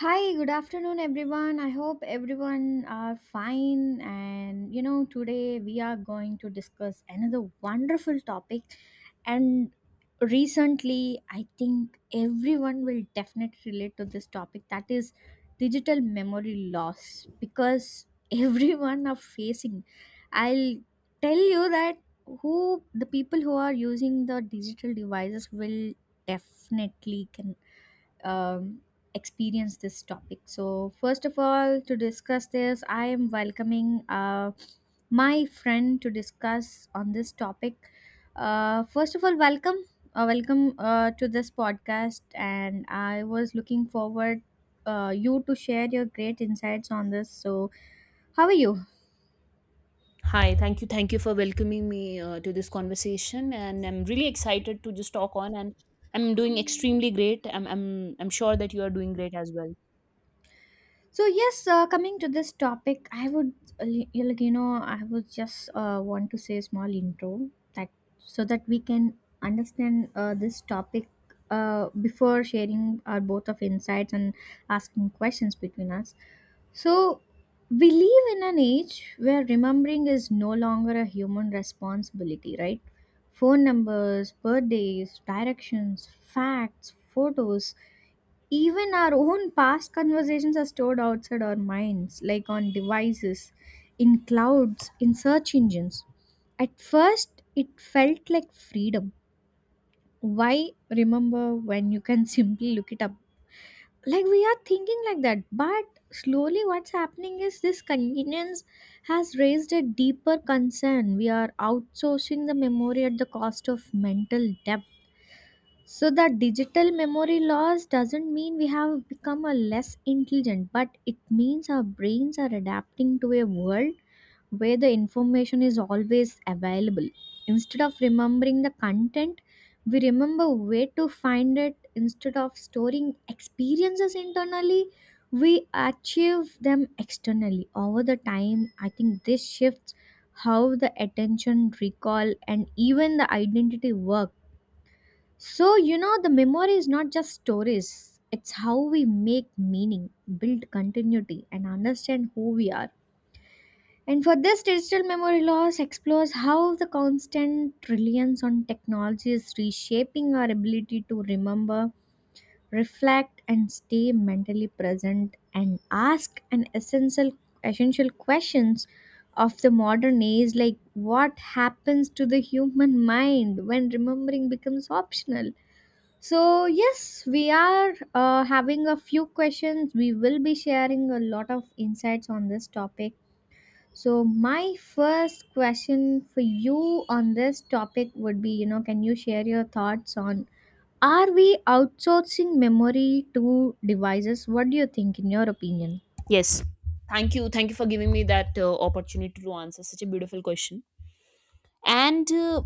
Hi, good afternoon, everyone. I hope everyone are fine. And you know, today we are going to discuss another wonderful topic. And recently, I think everyone will definitely relate to this topic that is digital memory loss because everyone are facing. I'll tell you that who the people who are using the digital devices will definitely can um, experience this topic. So, first of all, to discuss this, I am welcoming my friend to discuss on this topic. First of all, welcome, welcome to this podcast, and I was looking forward you to share your great insights on this. So, how are you? Hi, thank you. Thank you for welcoming me to this conversation. And I'm really excited to just talk on. And I'm doing extremely great. I'm sure that you are doing great as well. So yes, coming to this topic, I would yeah, like you know I would just want to say a small intro that so that we can understand this topic before sharing our both of insights and asking questions between us. So we live in an age where remembering is no longer a human responsibility, right? Phone numbers, birthdays, directions, facts, photos, even our own past conversations are stored outside our minds, like on devices, in clouds, in search engines. At first, it felt like freedom. Why remember when you can simply look it up? Like we are thinking like that, but slowly what's happening is this convenience has raised a deeper concern. We are outsourcing the memory at the cost of mental depth, so that digital memory loss doesn't mean we have become a less intelligent, but it means our brains are adapting to a world where the information is always available. Instead of remembering the content, we remember where to find it. Instead of storing experiences internally, we achieve them externally. Over the time, I think this shifts how the attention, recall, and even the identity work. So, you know, the memory is not just stories, it's how we make meaning, build continuity, and understand who we are. And for this, digital memory loss explores how the constant reliance on technology is reshaping our ability to remember, reflect, and stay mentally present and ask an essential questions of the modern age, like what happens to the human mind when remembering becomes optional. So, yes, we are having a few questions. We will be sharing a lot of insights on this topic. So, my first question for you on this topic would be, you know, can you share your thoughts on, are we outsourcing memory to devices? What do you think, in your opinion? Yes. Thank you. Thank you for giving me that opportunity to answer such a beautiful question. And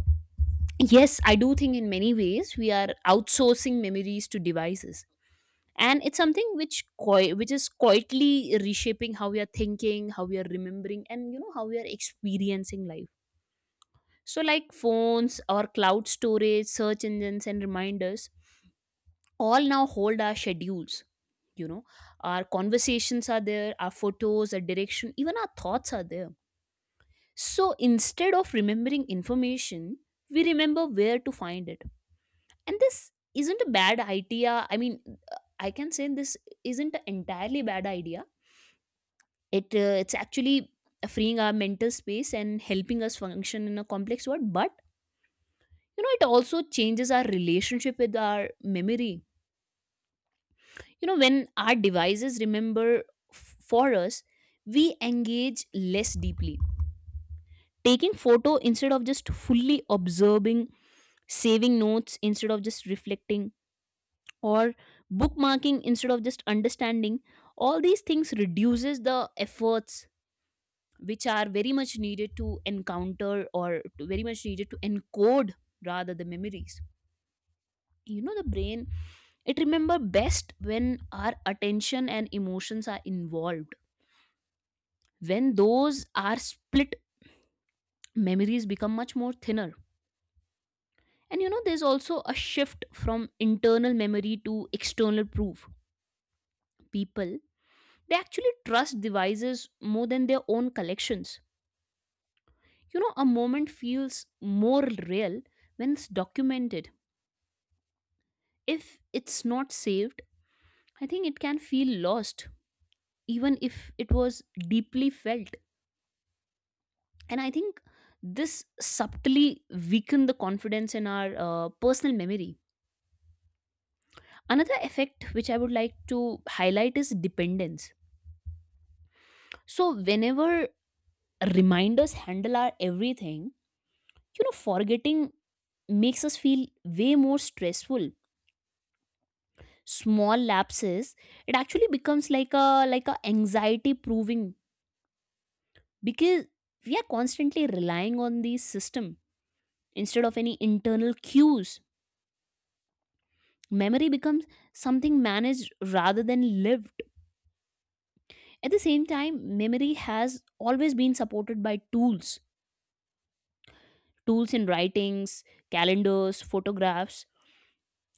yes, I do think in many ways we are outsourcing memories to devices. And it's something which is quietly reshaping how we are thinking, how we are remembering, and you know how we are experiencing life. So, like phones or cloud storage, search engines, and reminders, all now hold our schedules. You know, our conversations are there, our photos, our direction, even our thoughts are there. So, instead of remembering information, we remember where to find it. And this isn't a bad idea. I mean, I can say this isn't an entirely bad idea. It's actually freeing our mental space and helping us function in a complex world. But you know it also changes our relationship with our memory. You know, when our devices remember for us, we engage less deeply, taking photo instead of just fully observing, saving notes instead of just reflecting, or bookmarking instead of just understanding. All these things reduces the efforts which are very much needed to encounter, or very much needed to encode rather the memories. You know, the brain, it remember best when our attention and emotions are involved. When those are split, memories become much more thinner. And you know, there's also a shift from internal memory to external proof. People, they actually trust devices more than their own collections. You know, a moment feels more real when it's documented. If it's not saved, I think it can feel lost, even if it was deeply felt. And I think this subtly weaken the confidence in our personal memory. Another effect which I would like to highlight is dependence. So whenever reminders handle our everything, you know, forgetting makes us feel way more stressful. Small lapses, it actually becomes like a, like a anxiety proving, because we are constantly relying on the system instead of any internal cues. Memory becomes something managed rather than lived. At the same time, memory has always been supported by tools, tools in writings, calendars, photographs.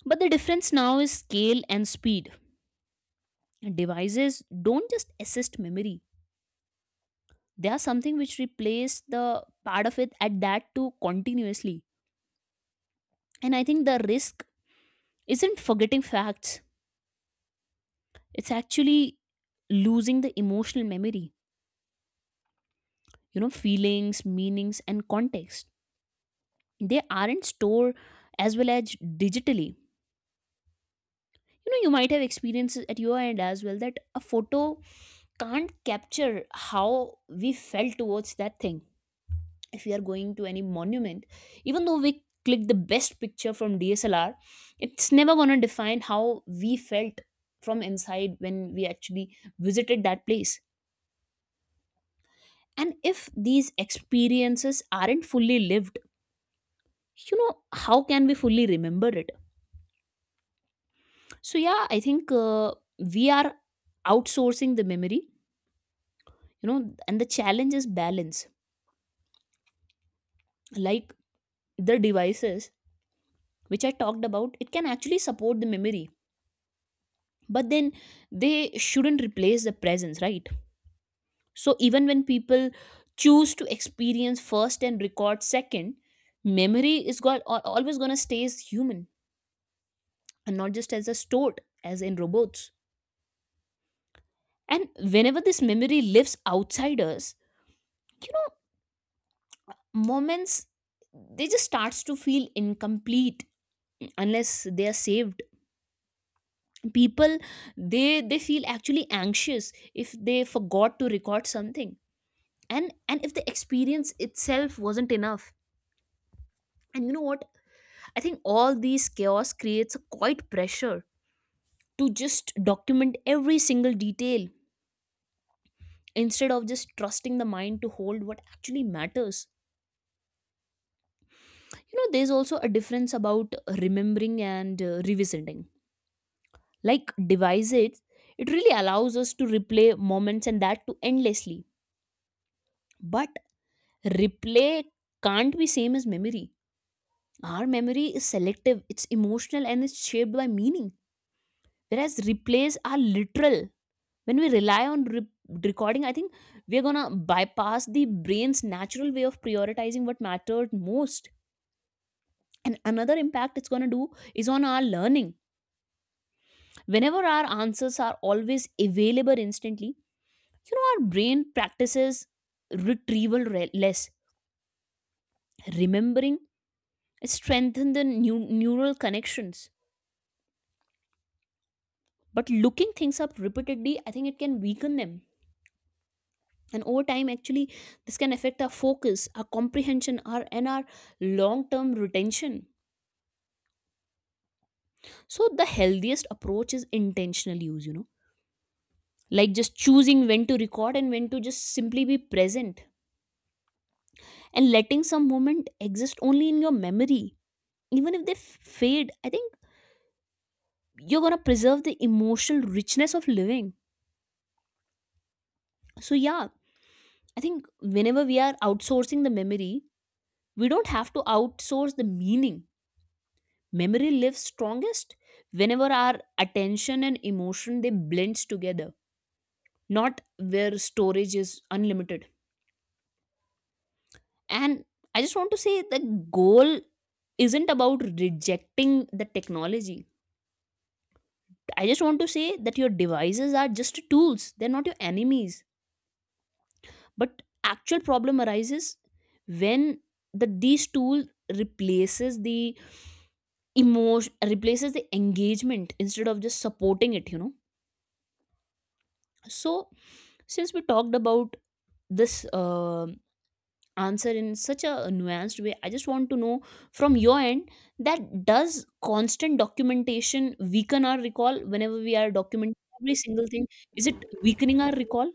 But the difference now is scale and speed. Devices don't just assist memory, they are something which replace the part of it at that too continuously. And I think the risk isn't forgetting facts, it's actually losing the emotional memory, you know, feelings, meanings, and context. They aren't stored as well as digitally. You know, you might have experiences at your end as well, that a photo can't capture how we felt towards that thing. If we are going to any monument, even though we click the best picture from dslr, it's never going to define how we felt from inside when we actually visited that place. And if these experiences aren't fully lived, you know how can we fully remember it? So yeah, I think we are outsourcing the memory, you know, and the challenge is balance. Like, the devices which I talked about, it can actually support the memory, but then they shouldn't replace the presence, right? So even when people choose to experience first and record second, memory is always gonna stay as human and not just as a stored as in robots. And whenever this memory lives outside us, you know, moments they just starts to feel incomplete unless they are saved. People, they feel actually anxious if they forgot to record something. And if the experience itself wasn't enough, and you know what, I think all these chaos creates a quite pressure to just document every single detail instead of just trusting the mind to hold what actually matters. You know, there's also a difference about remembering and revisiting. Like devices, it really allows us to replay moments and that too endlessly. But replay can't be same as memory. Our memory is selective, it's emotional, and it's shaped by meaning, whereas replays are literal. When we rely on recording, I think we're gonna bypass the brain's natural way of prioritizing what mattered most. And another impact it's gonna do is on our learning. Whenever our answers are always available instantly, you know, our brain practices retrieval less. Remembering strengthen the new neural connections, but looking things up repeatedly I think it can weaken them. And over time actually, this can affect our focus, our comprehension, our and our long term retention. So the healthiest approach is intentional use, you know, like just choosing when to record and when to just simply be present, and letting some moment exist only in your memory. Even if they fade, I think you're going to preserve the emotional richness of living. So, yeah, I think whenever we are outsourcing the memory, we don't have to outsource the meaning. Memory lives strongest whenever our attention and emotion they blends together, not where storage is unlimited. And I just want to say the goal isn't about rejecting the technology. I just want to say that your devices are just tools, they're not your enemies. But actual problem arises when these tool replaces the emotion, replaces the engagement instead of just supporting it, you know. So since we talked about this answer in such a nuanced way, I just want to know from your end, that does constant documentation weaken our recall whenever we are documenting every single thing? Is it weakening our recall?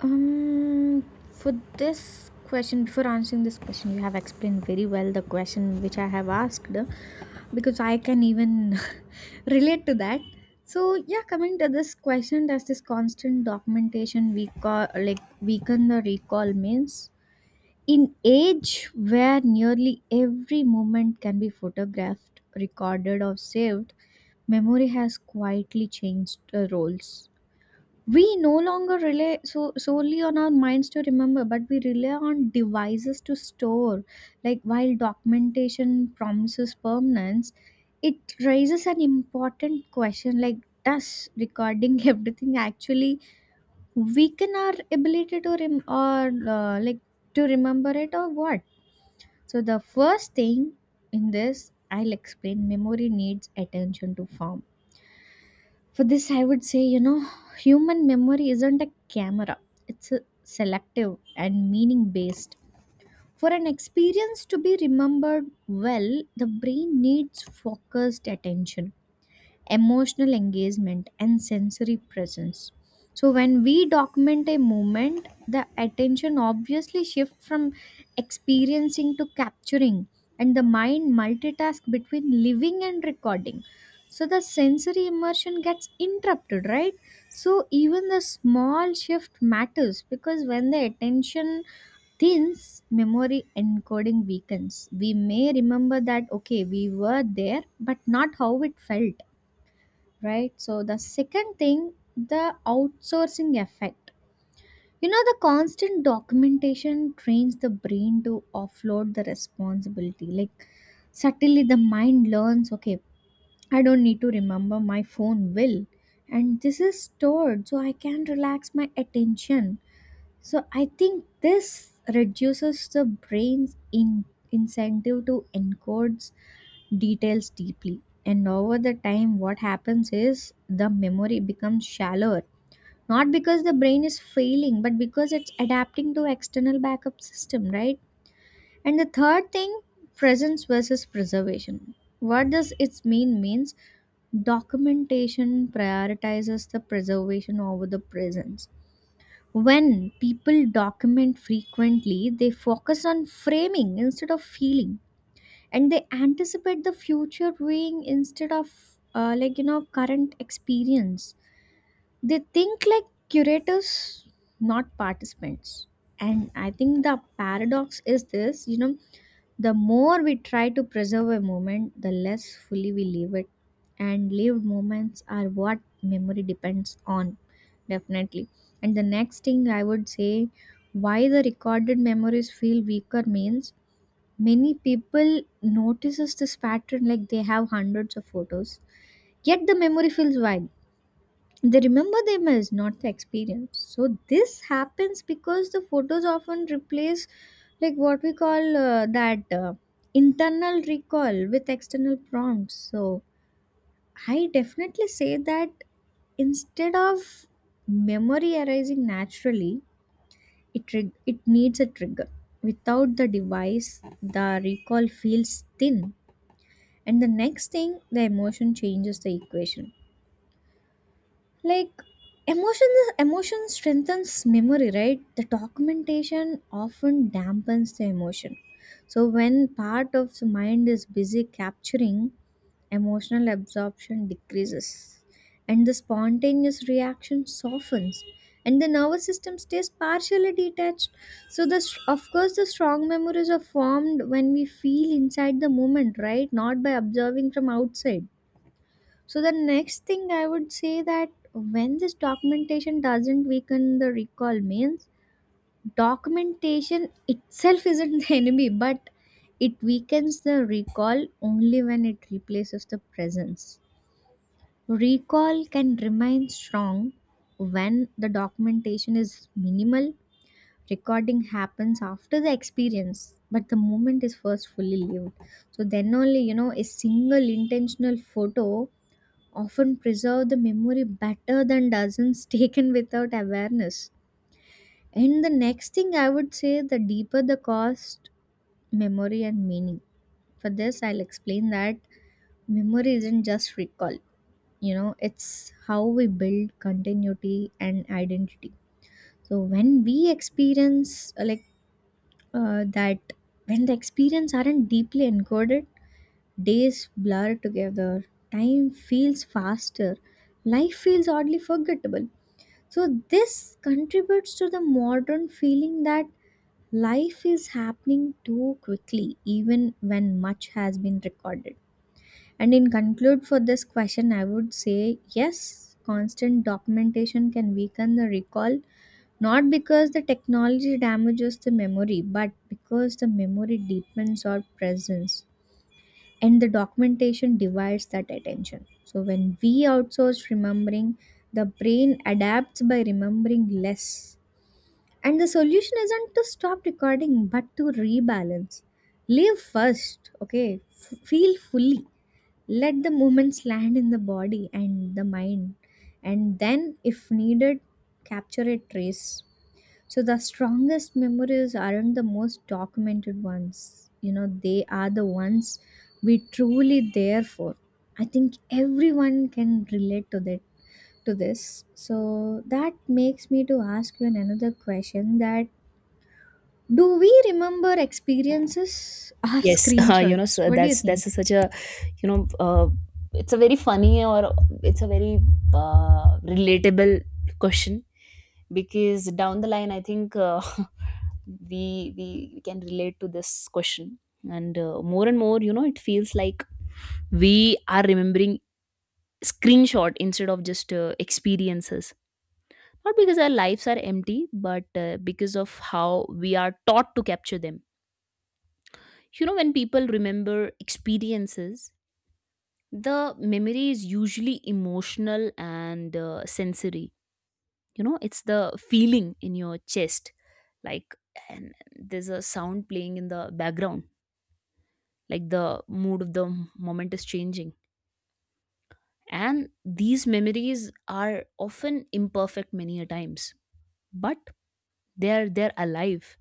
Um, for this question, before answering this question, you have explained very well the question which I have asked, because I can even relate to that. So yeah, coming to this question, does this constant documentation we call like weaken the recall means, in age where nearly every moment can be photographed, recorded, or saved, memory has quietly changed the roles. We no longer rely so solely on our minds to remember, but we rely on devices to store. Like, while documentation promises permanence, it raises an important question like, does recording everything actually weaken our ability to rem- or like to remember it or what? So the first thing in this, I'll explain, memory needs attention to form. For this, I would say, you know, human memory isn't a camera, it's a selective and meaning based. For an experience to be remembered well, the brain needs focused attention, emotional engagement, and sensory presence. So when we document a moment, the attention obviously shifts from experiencing to capturing, and the mind multitasks between living and recording. So the sensory immersion gets interrupted, right? So even the small shift matters, because when the attention thins, memory encoding weakens. We may remember that okay we were there, but not how it felt, right? So the second thing, the outsourcing effect. You know, the constant documentation trains the brain to offload the responsibility. Like, subtly the mind learns, okay, I don't need to remember, my phone will, and this is stored so I can relax my attention. So I think this reduces the brain's incentive to encode details deeply. And over the time, what happens is the memory becomes shallower. Not because the brain is failing, but because it's adapting to external backup system, right? And the third thing, presence versus preservation. What does its mean means, documentation prioritizes the preservation over the presence. When people document frequently, they focus on framing instead of feeling, and they anticipate the future viewing instead of you know current experience. They think like curators, not participants. And I think the paradox is this, you know, the more we try to preserve a moment, the less fully we live it, and lived moments are what memory depends on, definitely. And the next thing I would say, why the recorded memories feel weaker means, many people notices this pattern, like they have hundreds of photos. Yet the memory feels wide. They remember the image, not the experience. So this happens because the photos often replace, like what we call that internal recall with external prompts. So I definitely say that instead of memory arising naturally, it it needs a trigger. Without the device, the recall feels thin. And the next thing, the emotion changes the equation. Like, emotion, strengthens memory, right? The documentation often dampens the emotion. So when part of the mind is busy capturing, emotional absorption decreases, and the spontaneous reaction softens, and the nervous system stays partially detached. So, the of course, the strong memories are formed when we feel inside the moment, right, not by observing from outside. So the next thing I would say, that when this documentation doesn't weaken the recall means, documentation itself isn't the enemy, but it weakens the recall only when it replaces the presence. Recall can remain strong when the documentation is minimal. Recording happens after the experience, but the moment is first fully lived. So then only, you know, a single intentional photo often preserve the memory better than dozens taken without awareness. And the next thing I would say, the deeper the cost, memory, and meaning. For this, I'll explain that memory isn't just recall, you know, it's how we build continuity and identity. So when we experience uh, that, when the experience aren't deeply encoded, days blur together, time feels faster, life feels oddly forgettable. So, this contributes to the modern feeling that life is happening too quickly, even when much has been recorded. And in conclude for this question, I would say yes, constant documentation can weaken the recall, not because the technology damages the memory, but because the memory deepens our presence and the documentation divides that attention. So, when we outsource remembering, the brain adapts by remembering less, and the solution isn't to stop recording, but to rebalance. Live first, okay? Feel fully. Let the movements land in the body and the mind. And then, if needed, capture a trace. So, the strongest memories aren't the most documented ones. You know, they are the ones we truly there for. I think everyone can relate to that, to this. So that makes me to ask you another question, that do we remember experiences or Yes, you know, screenshots? so What do you that's think? that's a such a, you know, it's a very funny, or it's a very relatable question, because down the line, I think we can relate to this question. And more and more, you know, it feels like we are remembering screenshot instead of just experiences. Not because our lives are empty, but because of how we are taught to capture them. You know, when people remember experiences, the memory is usually emotional and sensory. You know, it's the feeling in your chest, like, and there's a sound playing in the background, like the mood of the moment is changing. And these memories are often imperfect many a times, but they're alive.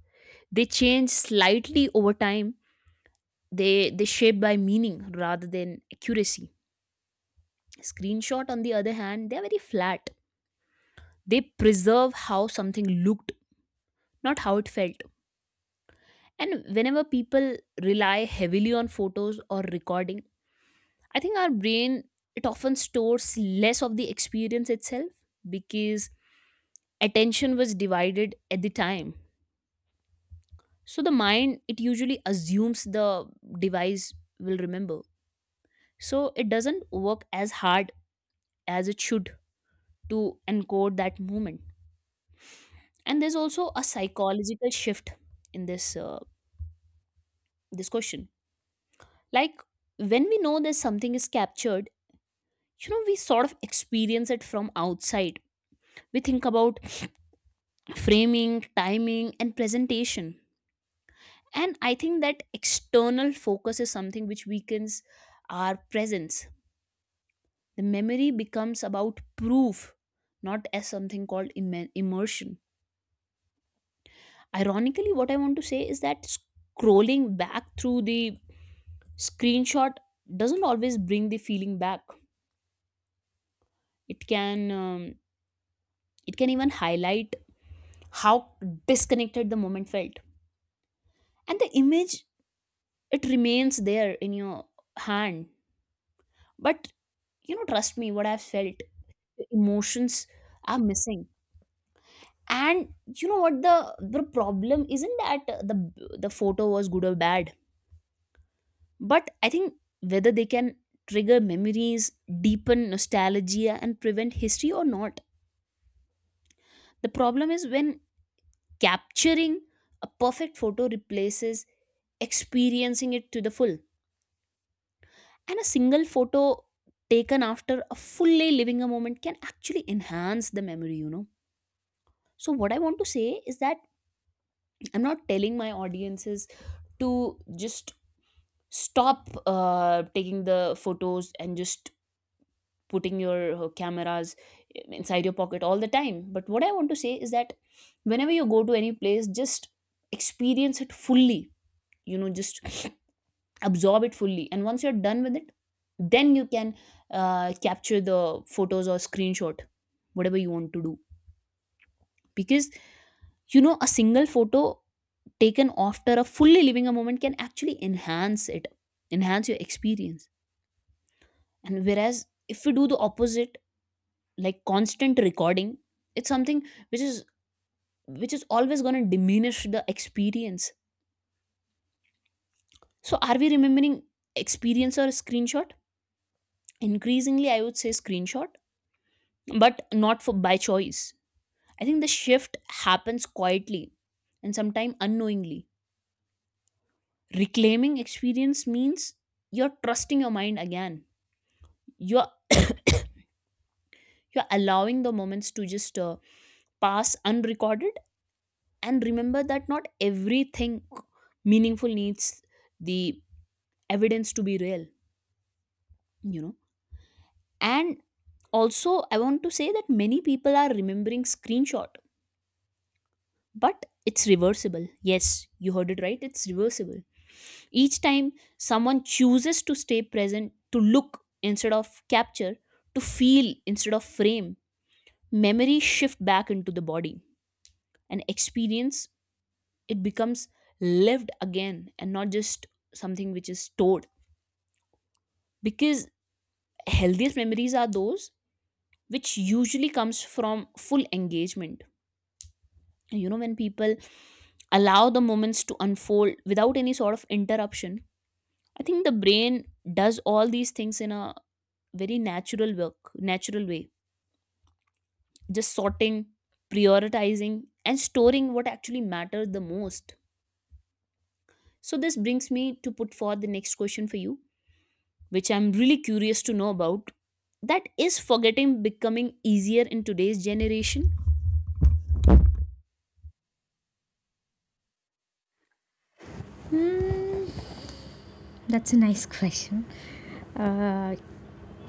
They change slightly over time. They shape by meaning rather than accuracy. Screenshot, on the other hand, they're very flat. They preserve how something looked, not how it felt. And whenever people rely heavily on photos or recording, I think our brain, it often stores less of the experience itself because attention was divided at the time. So the mind, it usually assumes the device will remember. So it doesn't work as hard as it should to encode that moment. And there's also a psychological shift in this question. Like, when we know that something is captured, you know, we sort of experience it from outside. We think about framing, timing, and presentation. And I think that external focus is something which weakens our presence. The memory becomes about proof, not as something called immersion. Ironically, what I want to say is that scrolling back through the screenshot doesn't always bring the feeling back. It can um, it can even highlight how disconnected the moment felt, and the image, it remains there in your hand. But you know, trust me, what I've felt, the emotions are missing. And you know what, the problem isn't that the photo was good or bad. But I think, whether they can trigger memories, deepen nostalgia, and prevent history or not, the problem is when capturing a perfect photo replaces experiencing it to the full. And a single photo taken after a full day living a moment can actually enhance the memory, you know. So, what I want to say is that I'm not telling my audiences to just stop taking the photos and just putting your cameras inside your pocket all the time. But what I want to say is that whenever you go to any place, just experience it fully, you know, just absorb it fully, and once you're done with it, then you can capture the photos or screenshot, whatever you want to do. Because, you know, a single photo taken after a fully living a moment can actually enhance it, enhance your experience. And whereas, if we do the opposite, like constant recording, it's something which is which is always going to diminish the experience. So, are we remembering experience or screenshot? Increasingly I would say screenshot, but not for by choice. I think the shift happens quietly and sometimes unknowingly. Reclaiming experience means you're trusting your mind again. You're you're allowing the moments to just pass unrecorded, and remember that not everything meaningful needs the evidence to be real, you know. And also I want to say that many people are remembering screenshot, but it's reversible. Yes, you heard it right. It's reversible. Each time someone chooses to stay present, to look instead of capture, to feel instead of frame, memories shift back into the body. An experience, it becomes lived again and not just something which is stored. Because healthiest memories are those which usually comes from full engagement. You know, when people allow the moments to unfold without any sort of interruption, I think the brain does all these things in a very natural way, just sorting, prioritizing, and storing what actually matters the most. So this brings me to put forth the next question for you, which I'm really curious to know about, that is forgetting becoming easier in today's generation? Hmm, that's a nice question. Uh,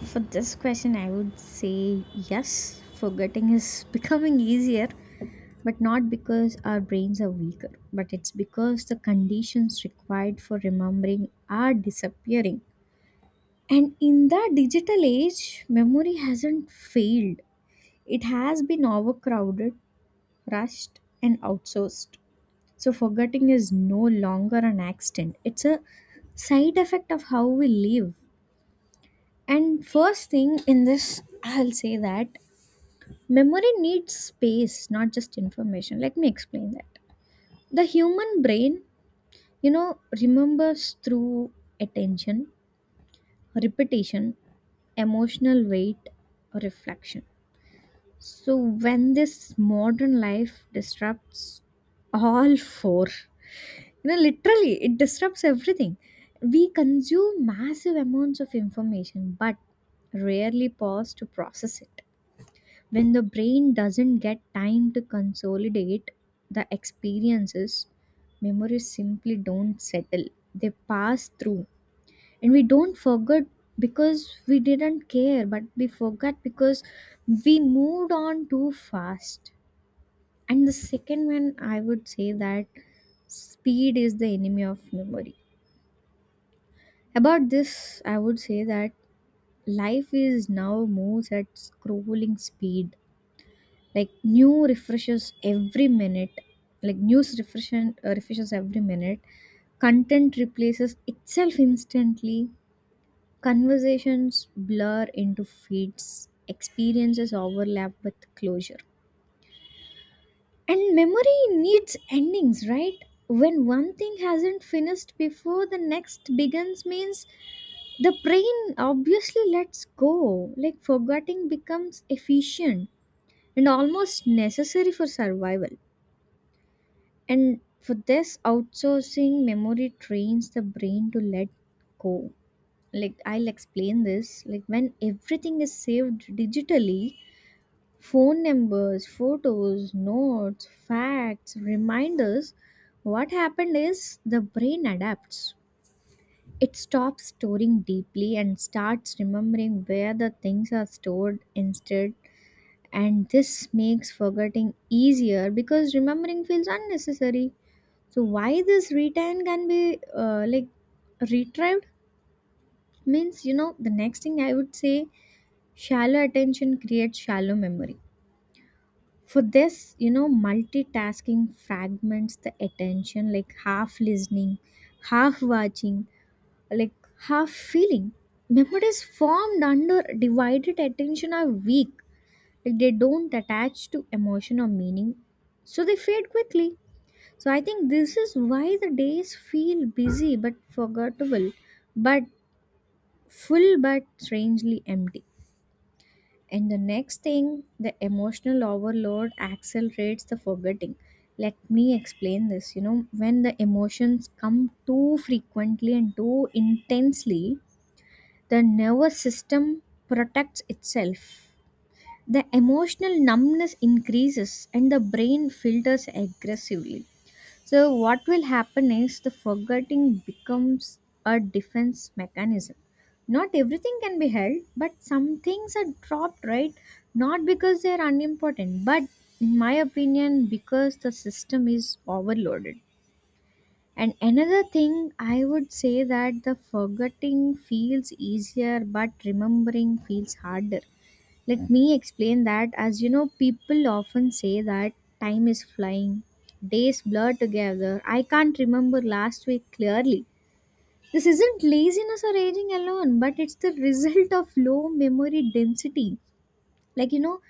for this question, I would say yes, forgetting is becoming easier, but not because our brains are weaker, but it's because the conditions required for remembering are disappearing. And in the digital age, memory hasn't failed, it has been overcrowded, rushed, and outsourced. So forgetting is no longer an accident. It's a side effect of how we live. And first thing in this, I'll say that memory needs space, not just information. Let me explain that. The human brain, you know, remembers through attention, repetition, emotional weight, reflection. So when this modern life disrupts all four. You know, literally, it disrupts everything. We consume massive amounts of information but rarely pause to process it. When the brain doesn't get time to consolidate the experiences, memories simply don't settle. They pass through. And we don't forget because we didn't care, but we forgot because we moved on too fast. And the second one, I would say that speed is the enemy of memory. About this, I would say that life is now moves at scrolling speed. Like new refreshes every minute. Like news refreshes every minute. Content replaces itself instantly. Conversations blur into feeds. Experiences overlap with closure. And memory needs endings, right? When one thing hasn't finished before the next begins means, the brain obviously lets go, like forgetting becomes efficient and almost necessary for survival. And for this, outsourcing memory trains the brain to let go. Like, I'll explain this. Like, when everything is saved digitally, phone numbers, photos, notes, facts, reminders, what happened is the brain adapts. It stops storing deeply and starts remembering where the things are stored instead. And this makes forgetting easier because remembering feels unnecessary. So, why this retain can be retrieved means, you know, the next thing I would say, shallow attention creates shallow memory. For this, you know, multitasking fragments the attention, like half listening, half watching, like half feeling. Memories formed under divided attention are weak, like they don't attach to emotion or meaning, so they fade quickly. So I think this is why the days feel busy but forgettable, but full but strangely empty. And the next thing, the emotional overload accelerates the forgetting. Let me explain this, you know, when the emotions come too frequently and too intensely, the nervous system protects itself. The emotional numbness increases and the brain filters aggressively. So, what will happen is the forgetting becomes a defense mechanism. Not everything can be held, but some things are dropped, right? Not because they are unimportant, but in my opinion, because the system is overloaded. And another thing, I would say that the forgetting feels easier, but remembering feels harder. Let me explain that. As you know, people often say that time is flying, days blur together. I can't remember last week clearly. This isn't laziness or aging alone, but it's the result of low memory density. Like, you know,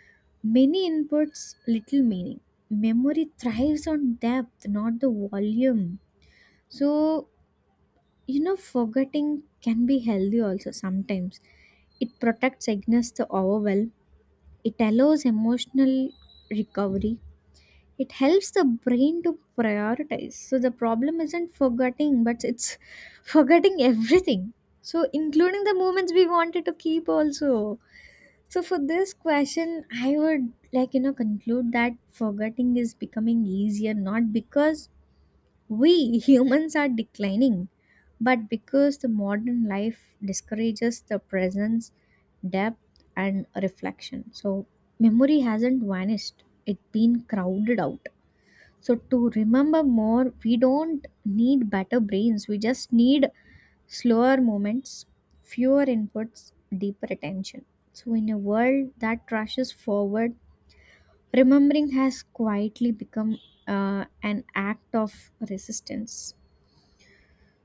many inputs, little meaning. Memory thrives on depth, not the volume. So, you know, forgetting can be healthy also sometimes. It protects against the overwhelm, it allows emotional recovery, it helps the brain to prioritize. So, the problem isn't forgetting, but it's forgetting everything. So, including the moments we wanted to keep also. So, for this question, I would like, you know, conclude that forgetting is becoming easier not because we humans are declining, but because the modern life discourages the presence, depth, and reflection. So, memory hasn't vanished, it's been crowded out. So, to remember more, we don't need better brains, we just need slower moments, fewer inputs, deeper attention. So, in a world that rushes forward, remembering has quietly become an act of resistance.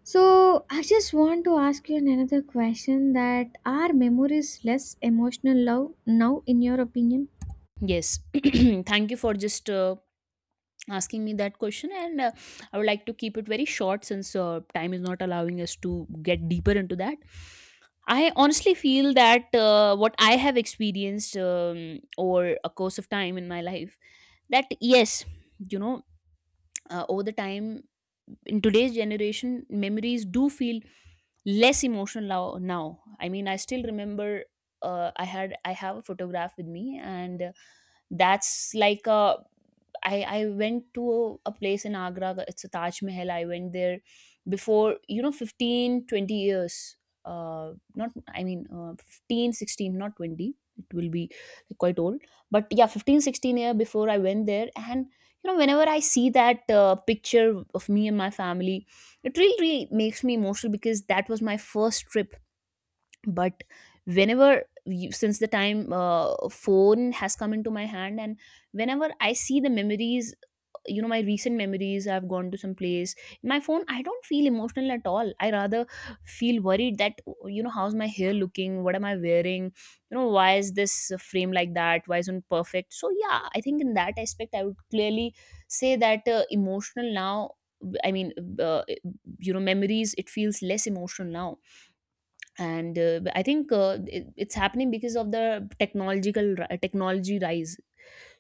So I just want to ask you another question, that are memories less emotional love now in your opinion? Yes, thank you for just asking me that question. And I would like to keep it very short since time is not allowing us to get deeper into that. I honestly feel that what I have experienced over a course of time in my life, that yes, you know, over the time in today's generation, memories do feel less emotional now. I mean, I still remember I have a photograph with me, and that's like a I went to a place in Agra, it's a Taj Mahal. I went there before, you know, 15-20 years. Not, I mean, 15, 16, not 20. It will be quite old. But yeah, 15-16 year before I went there. And you know, whenever I see that picture of me and my family, it really really makes me emotional because that was my first trip. But whenever you, since the time phone has come into my hand, and whenever I see the memories, you know, my recent memories, I've gone to some place, my phone, I don't feel emotional at all. I rather feel worried that, you know, how's my hair looking, what am I wearing, you know, why is this frame like that, why isn't perfect. So yeah, I think in that aspect I would clearly say that emotional now, I mean, uh, you know, memories it feels less emotional now. And I think it's happening because of the technology rise.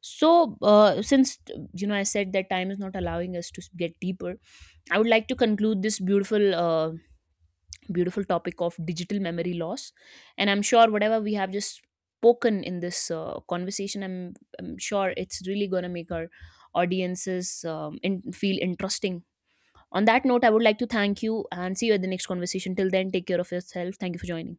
So, since you know, I said that time is not allowing us to get deeper. I would like to conclude this beautiful, beautiful topic of digital memory loss, and I'm sure whatever we have just spoken in this conversation, I'm sure it's really gonna make our audiences feel interesting. On that note, I would like to thank you and see you at the next conversation. Till then, take care of yourself. Thank you for joining.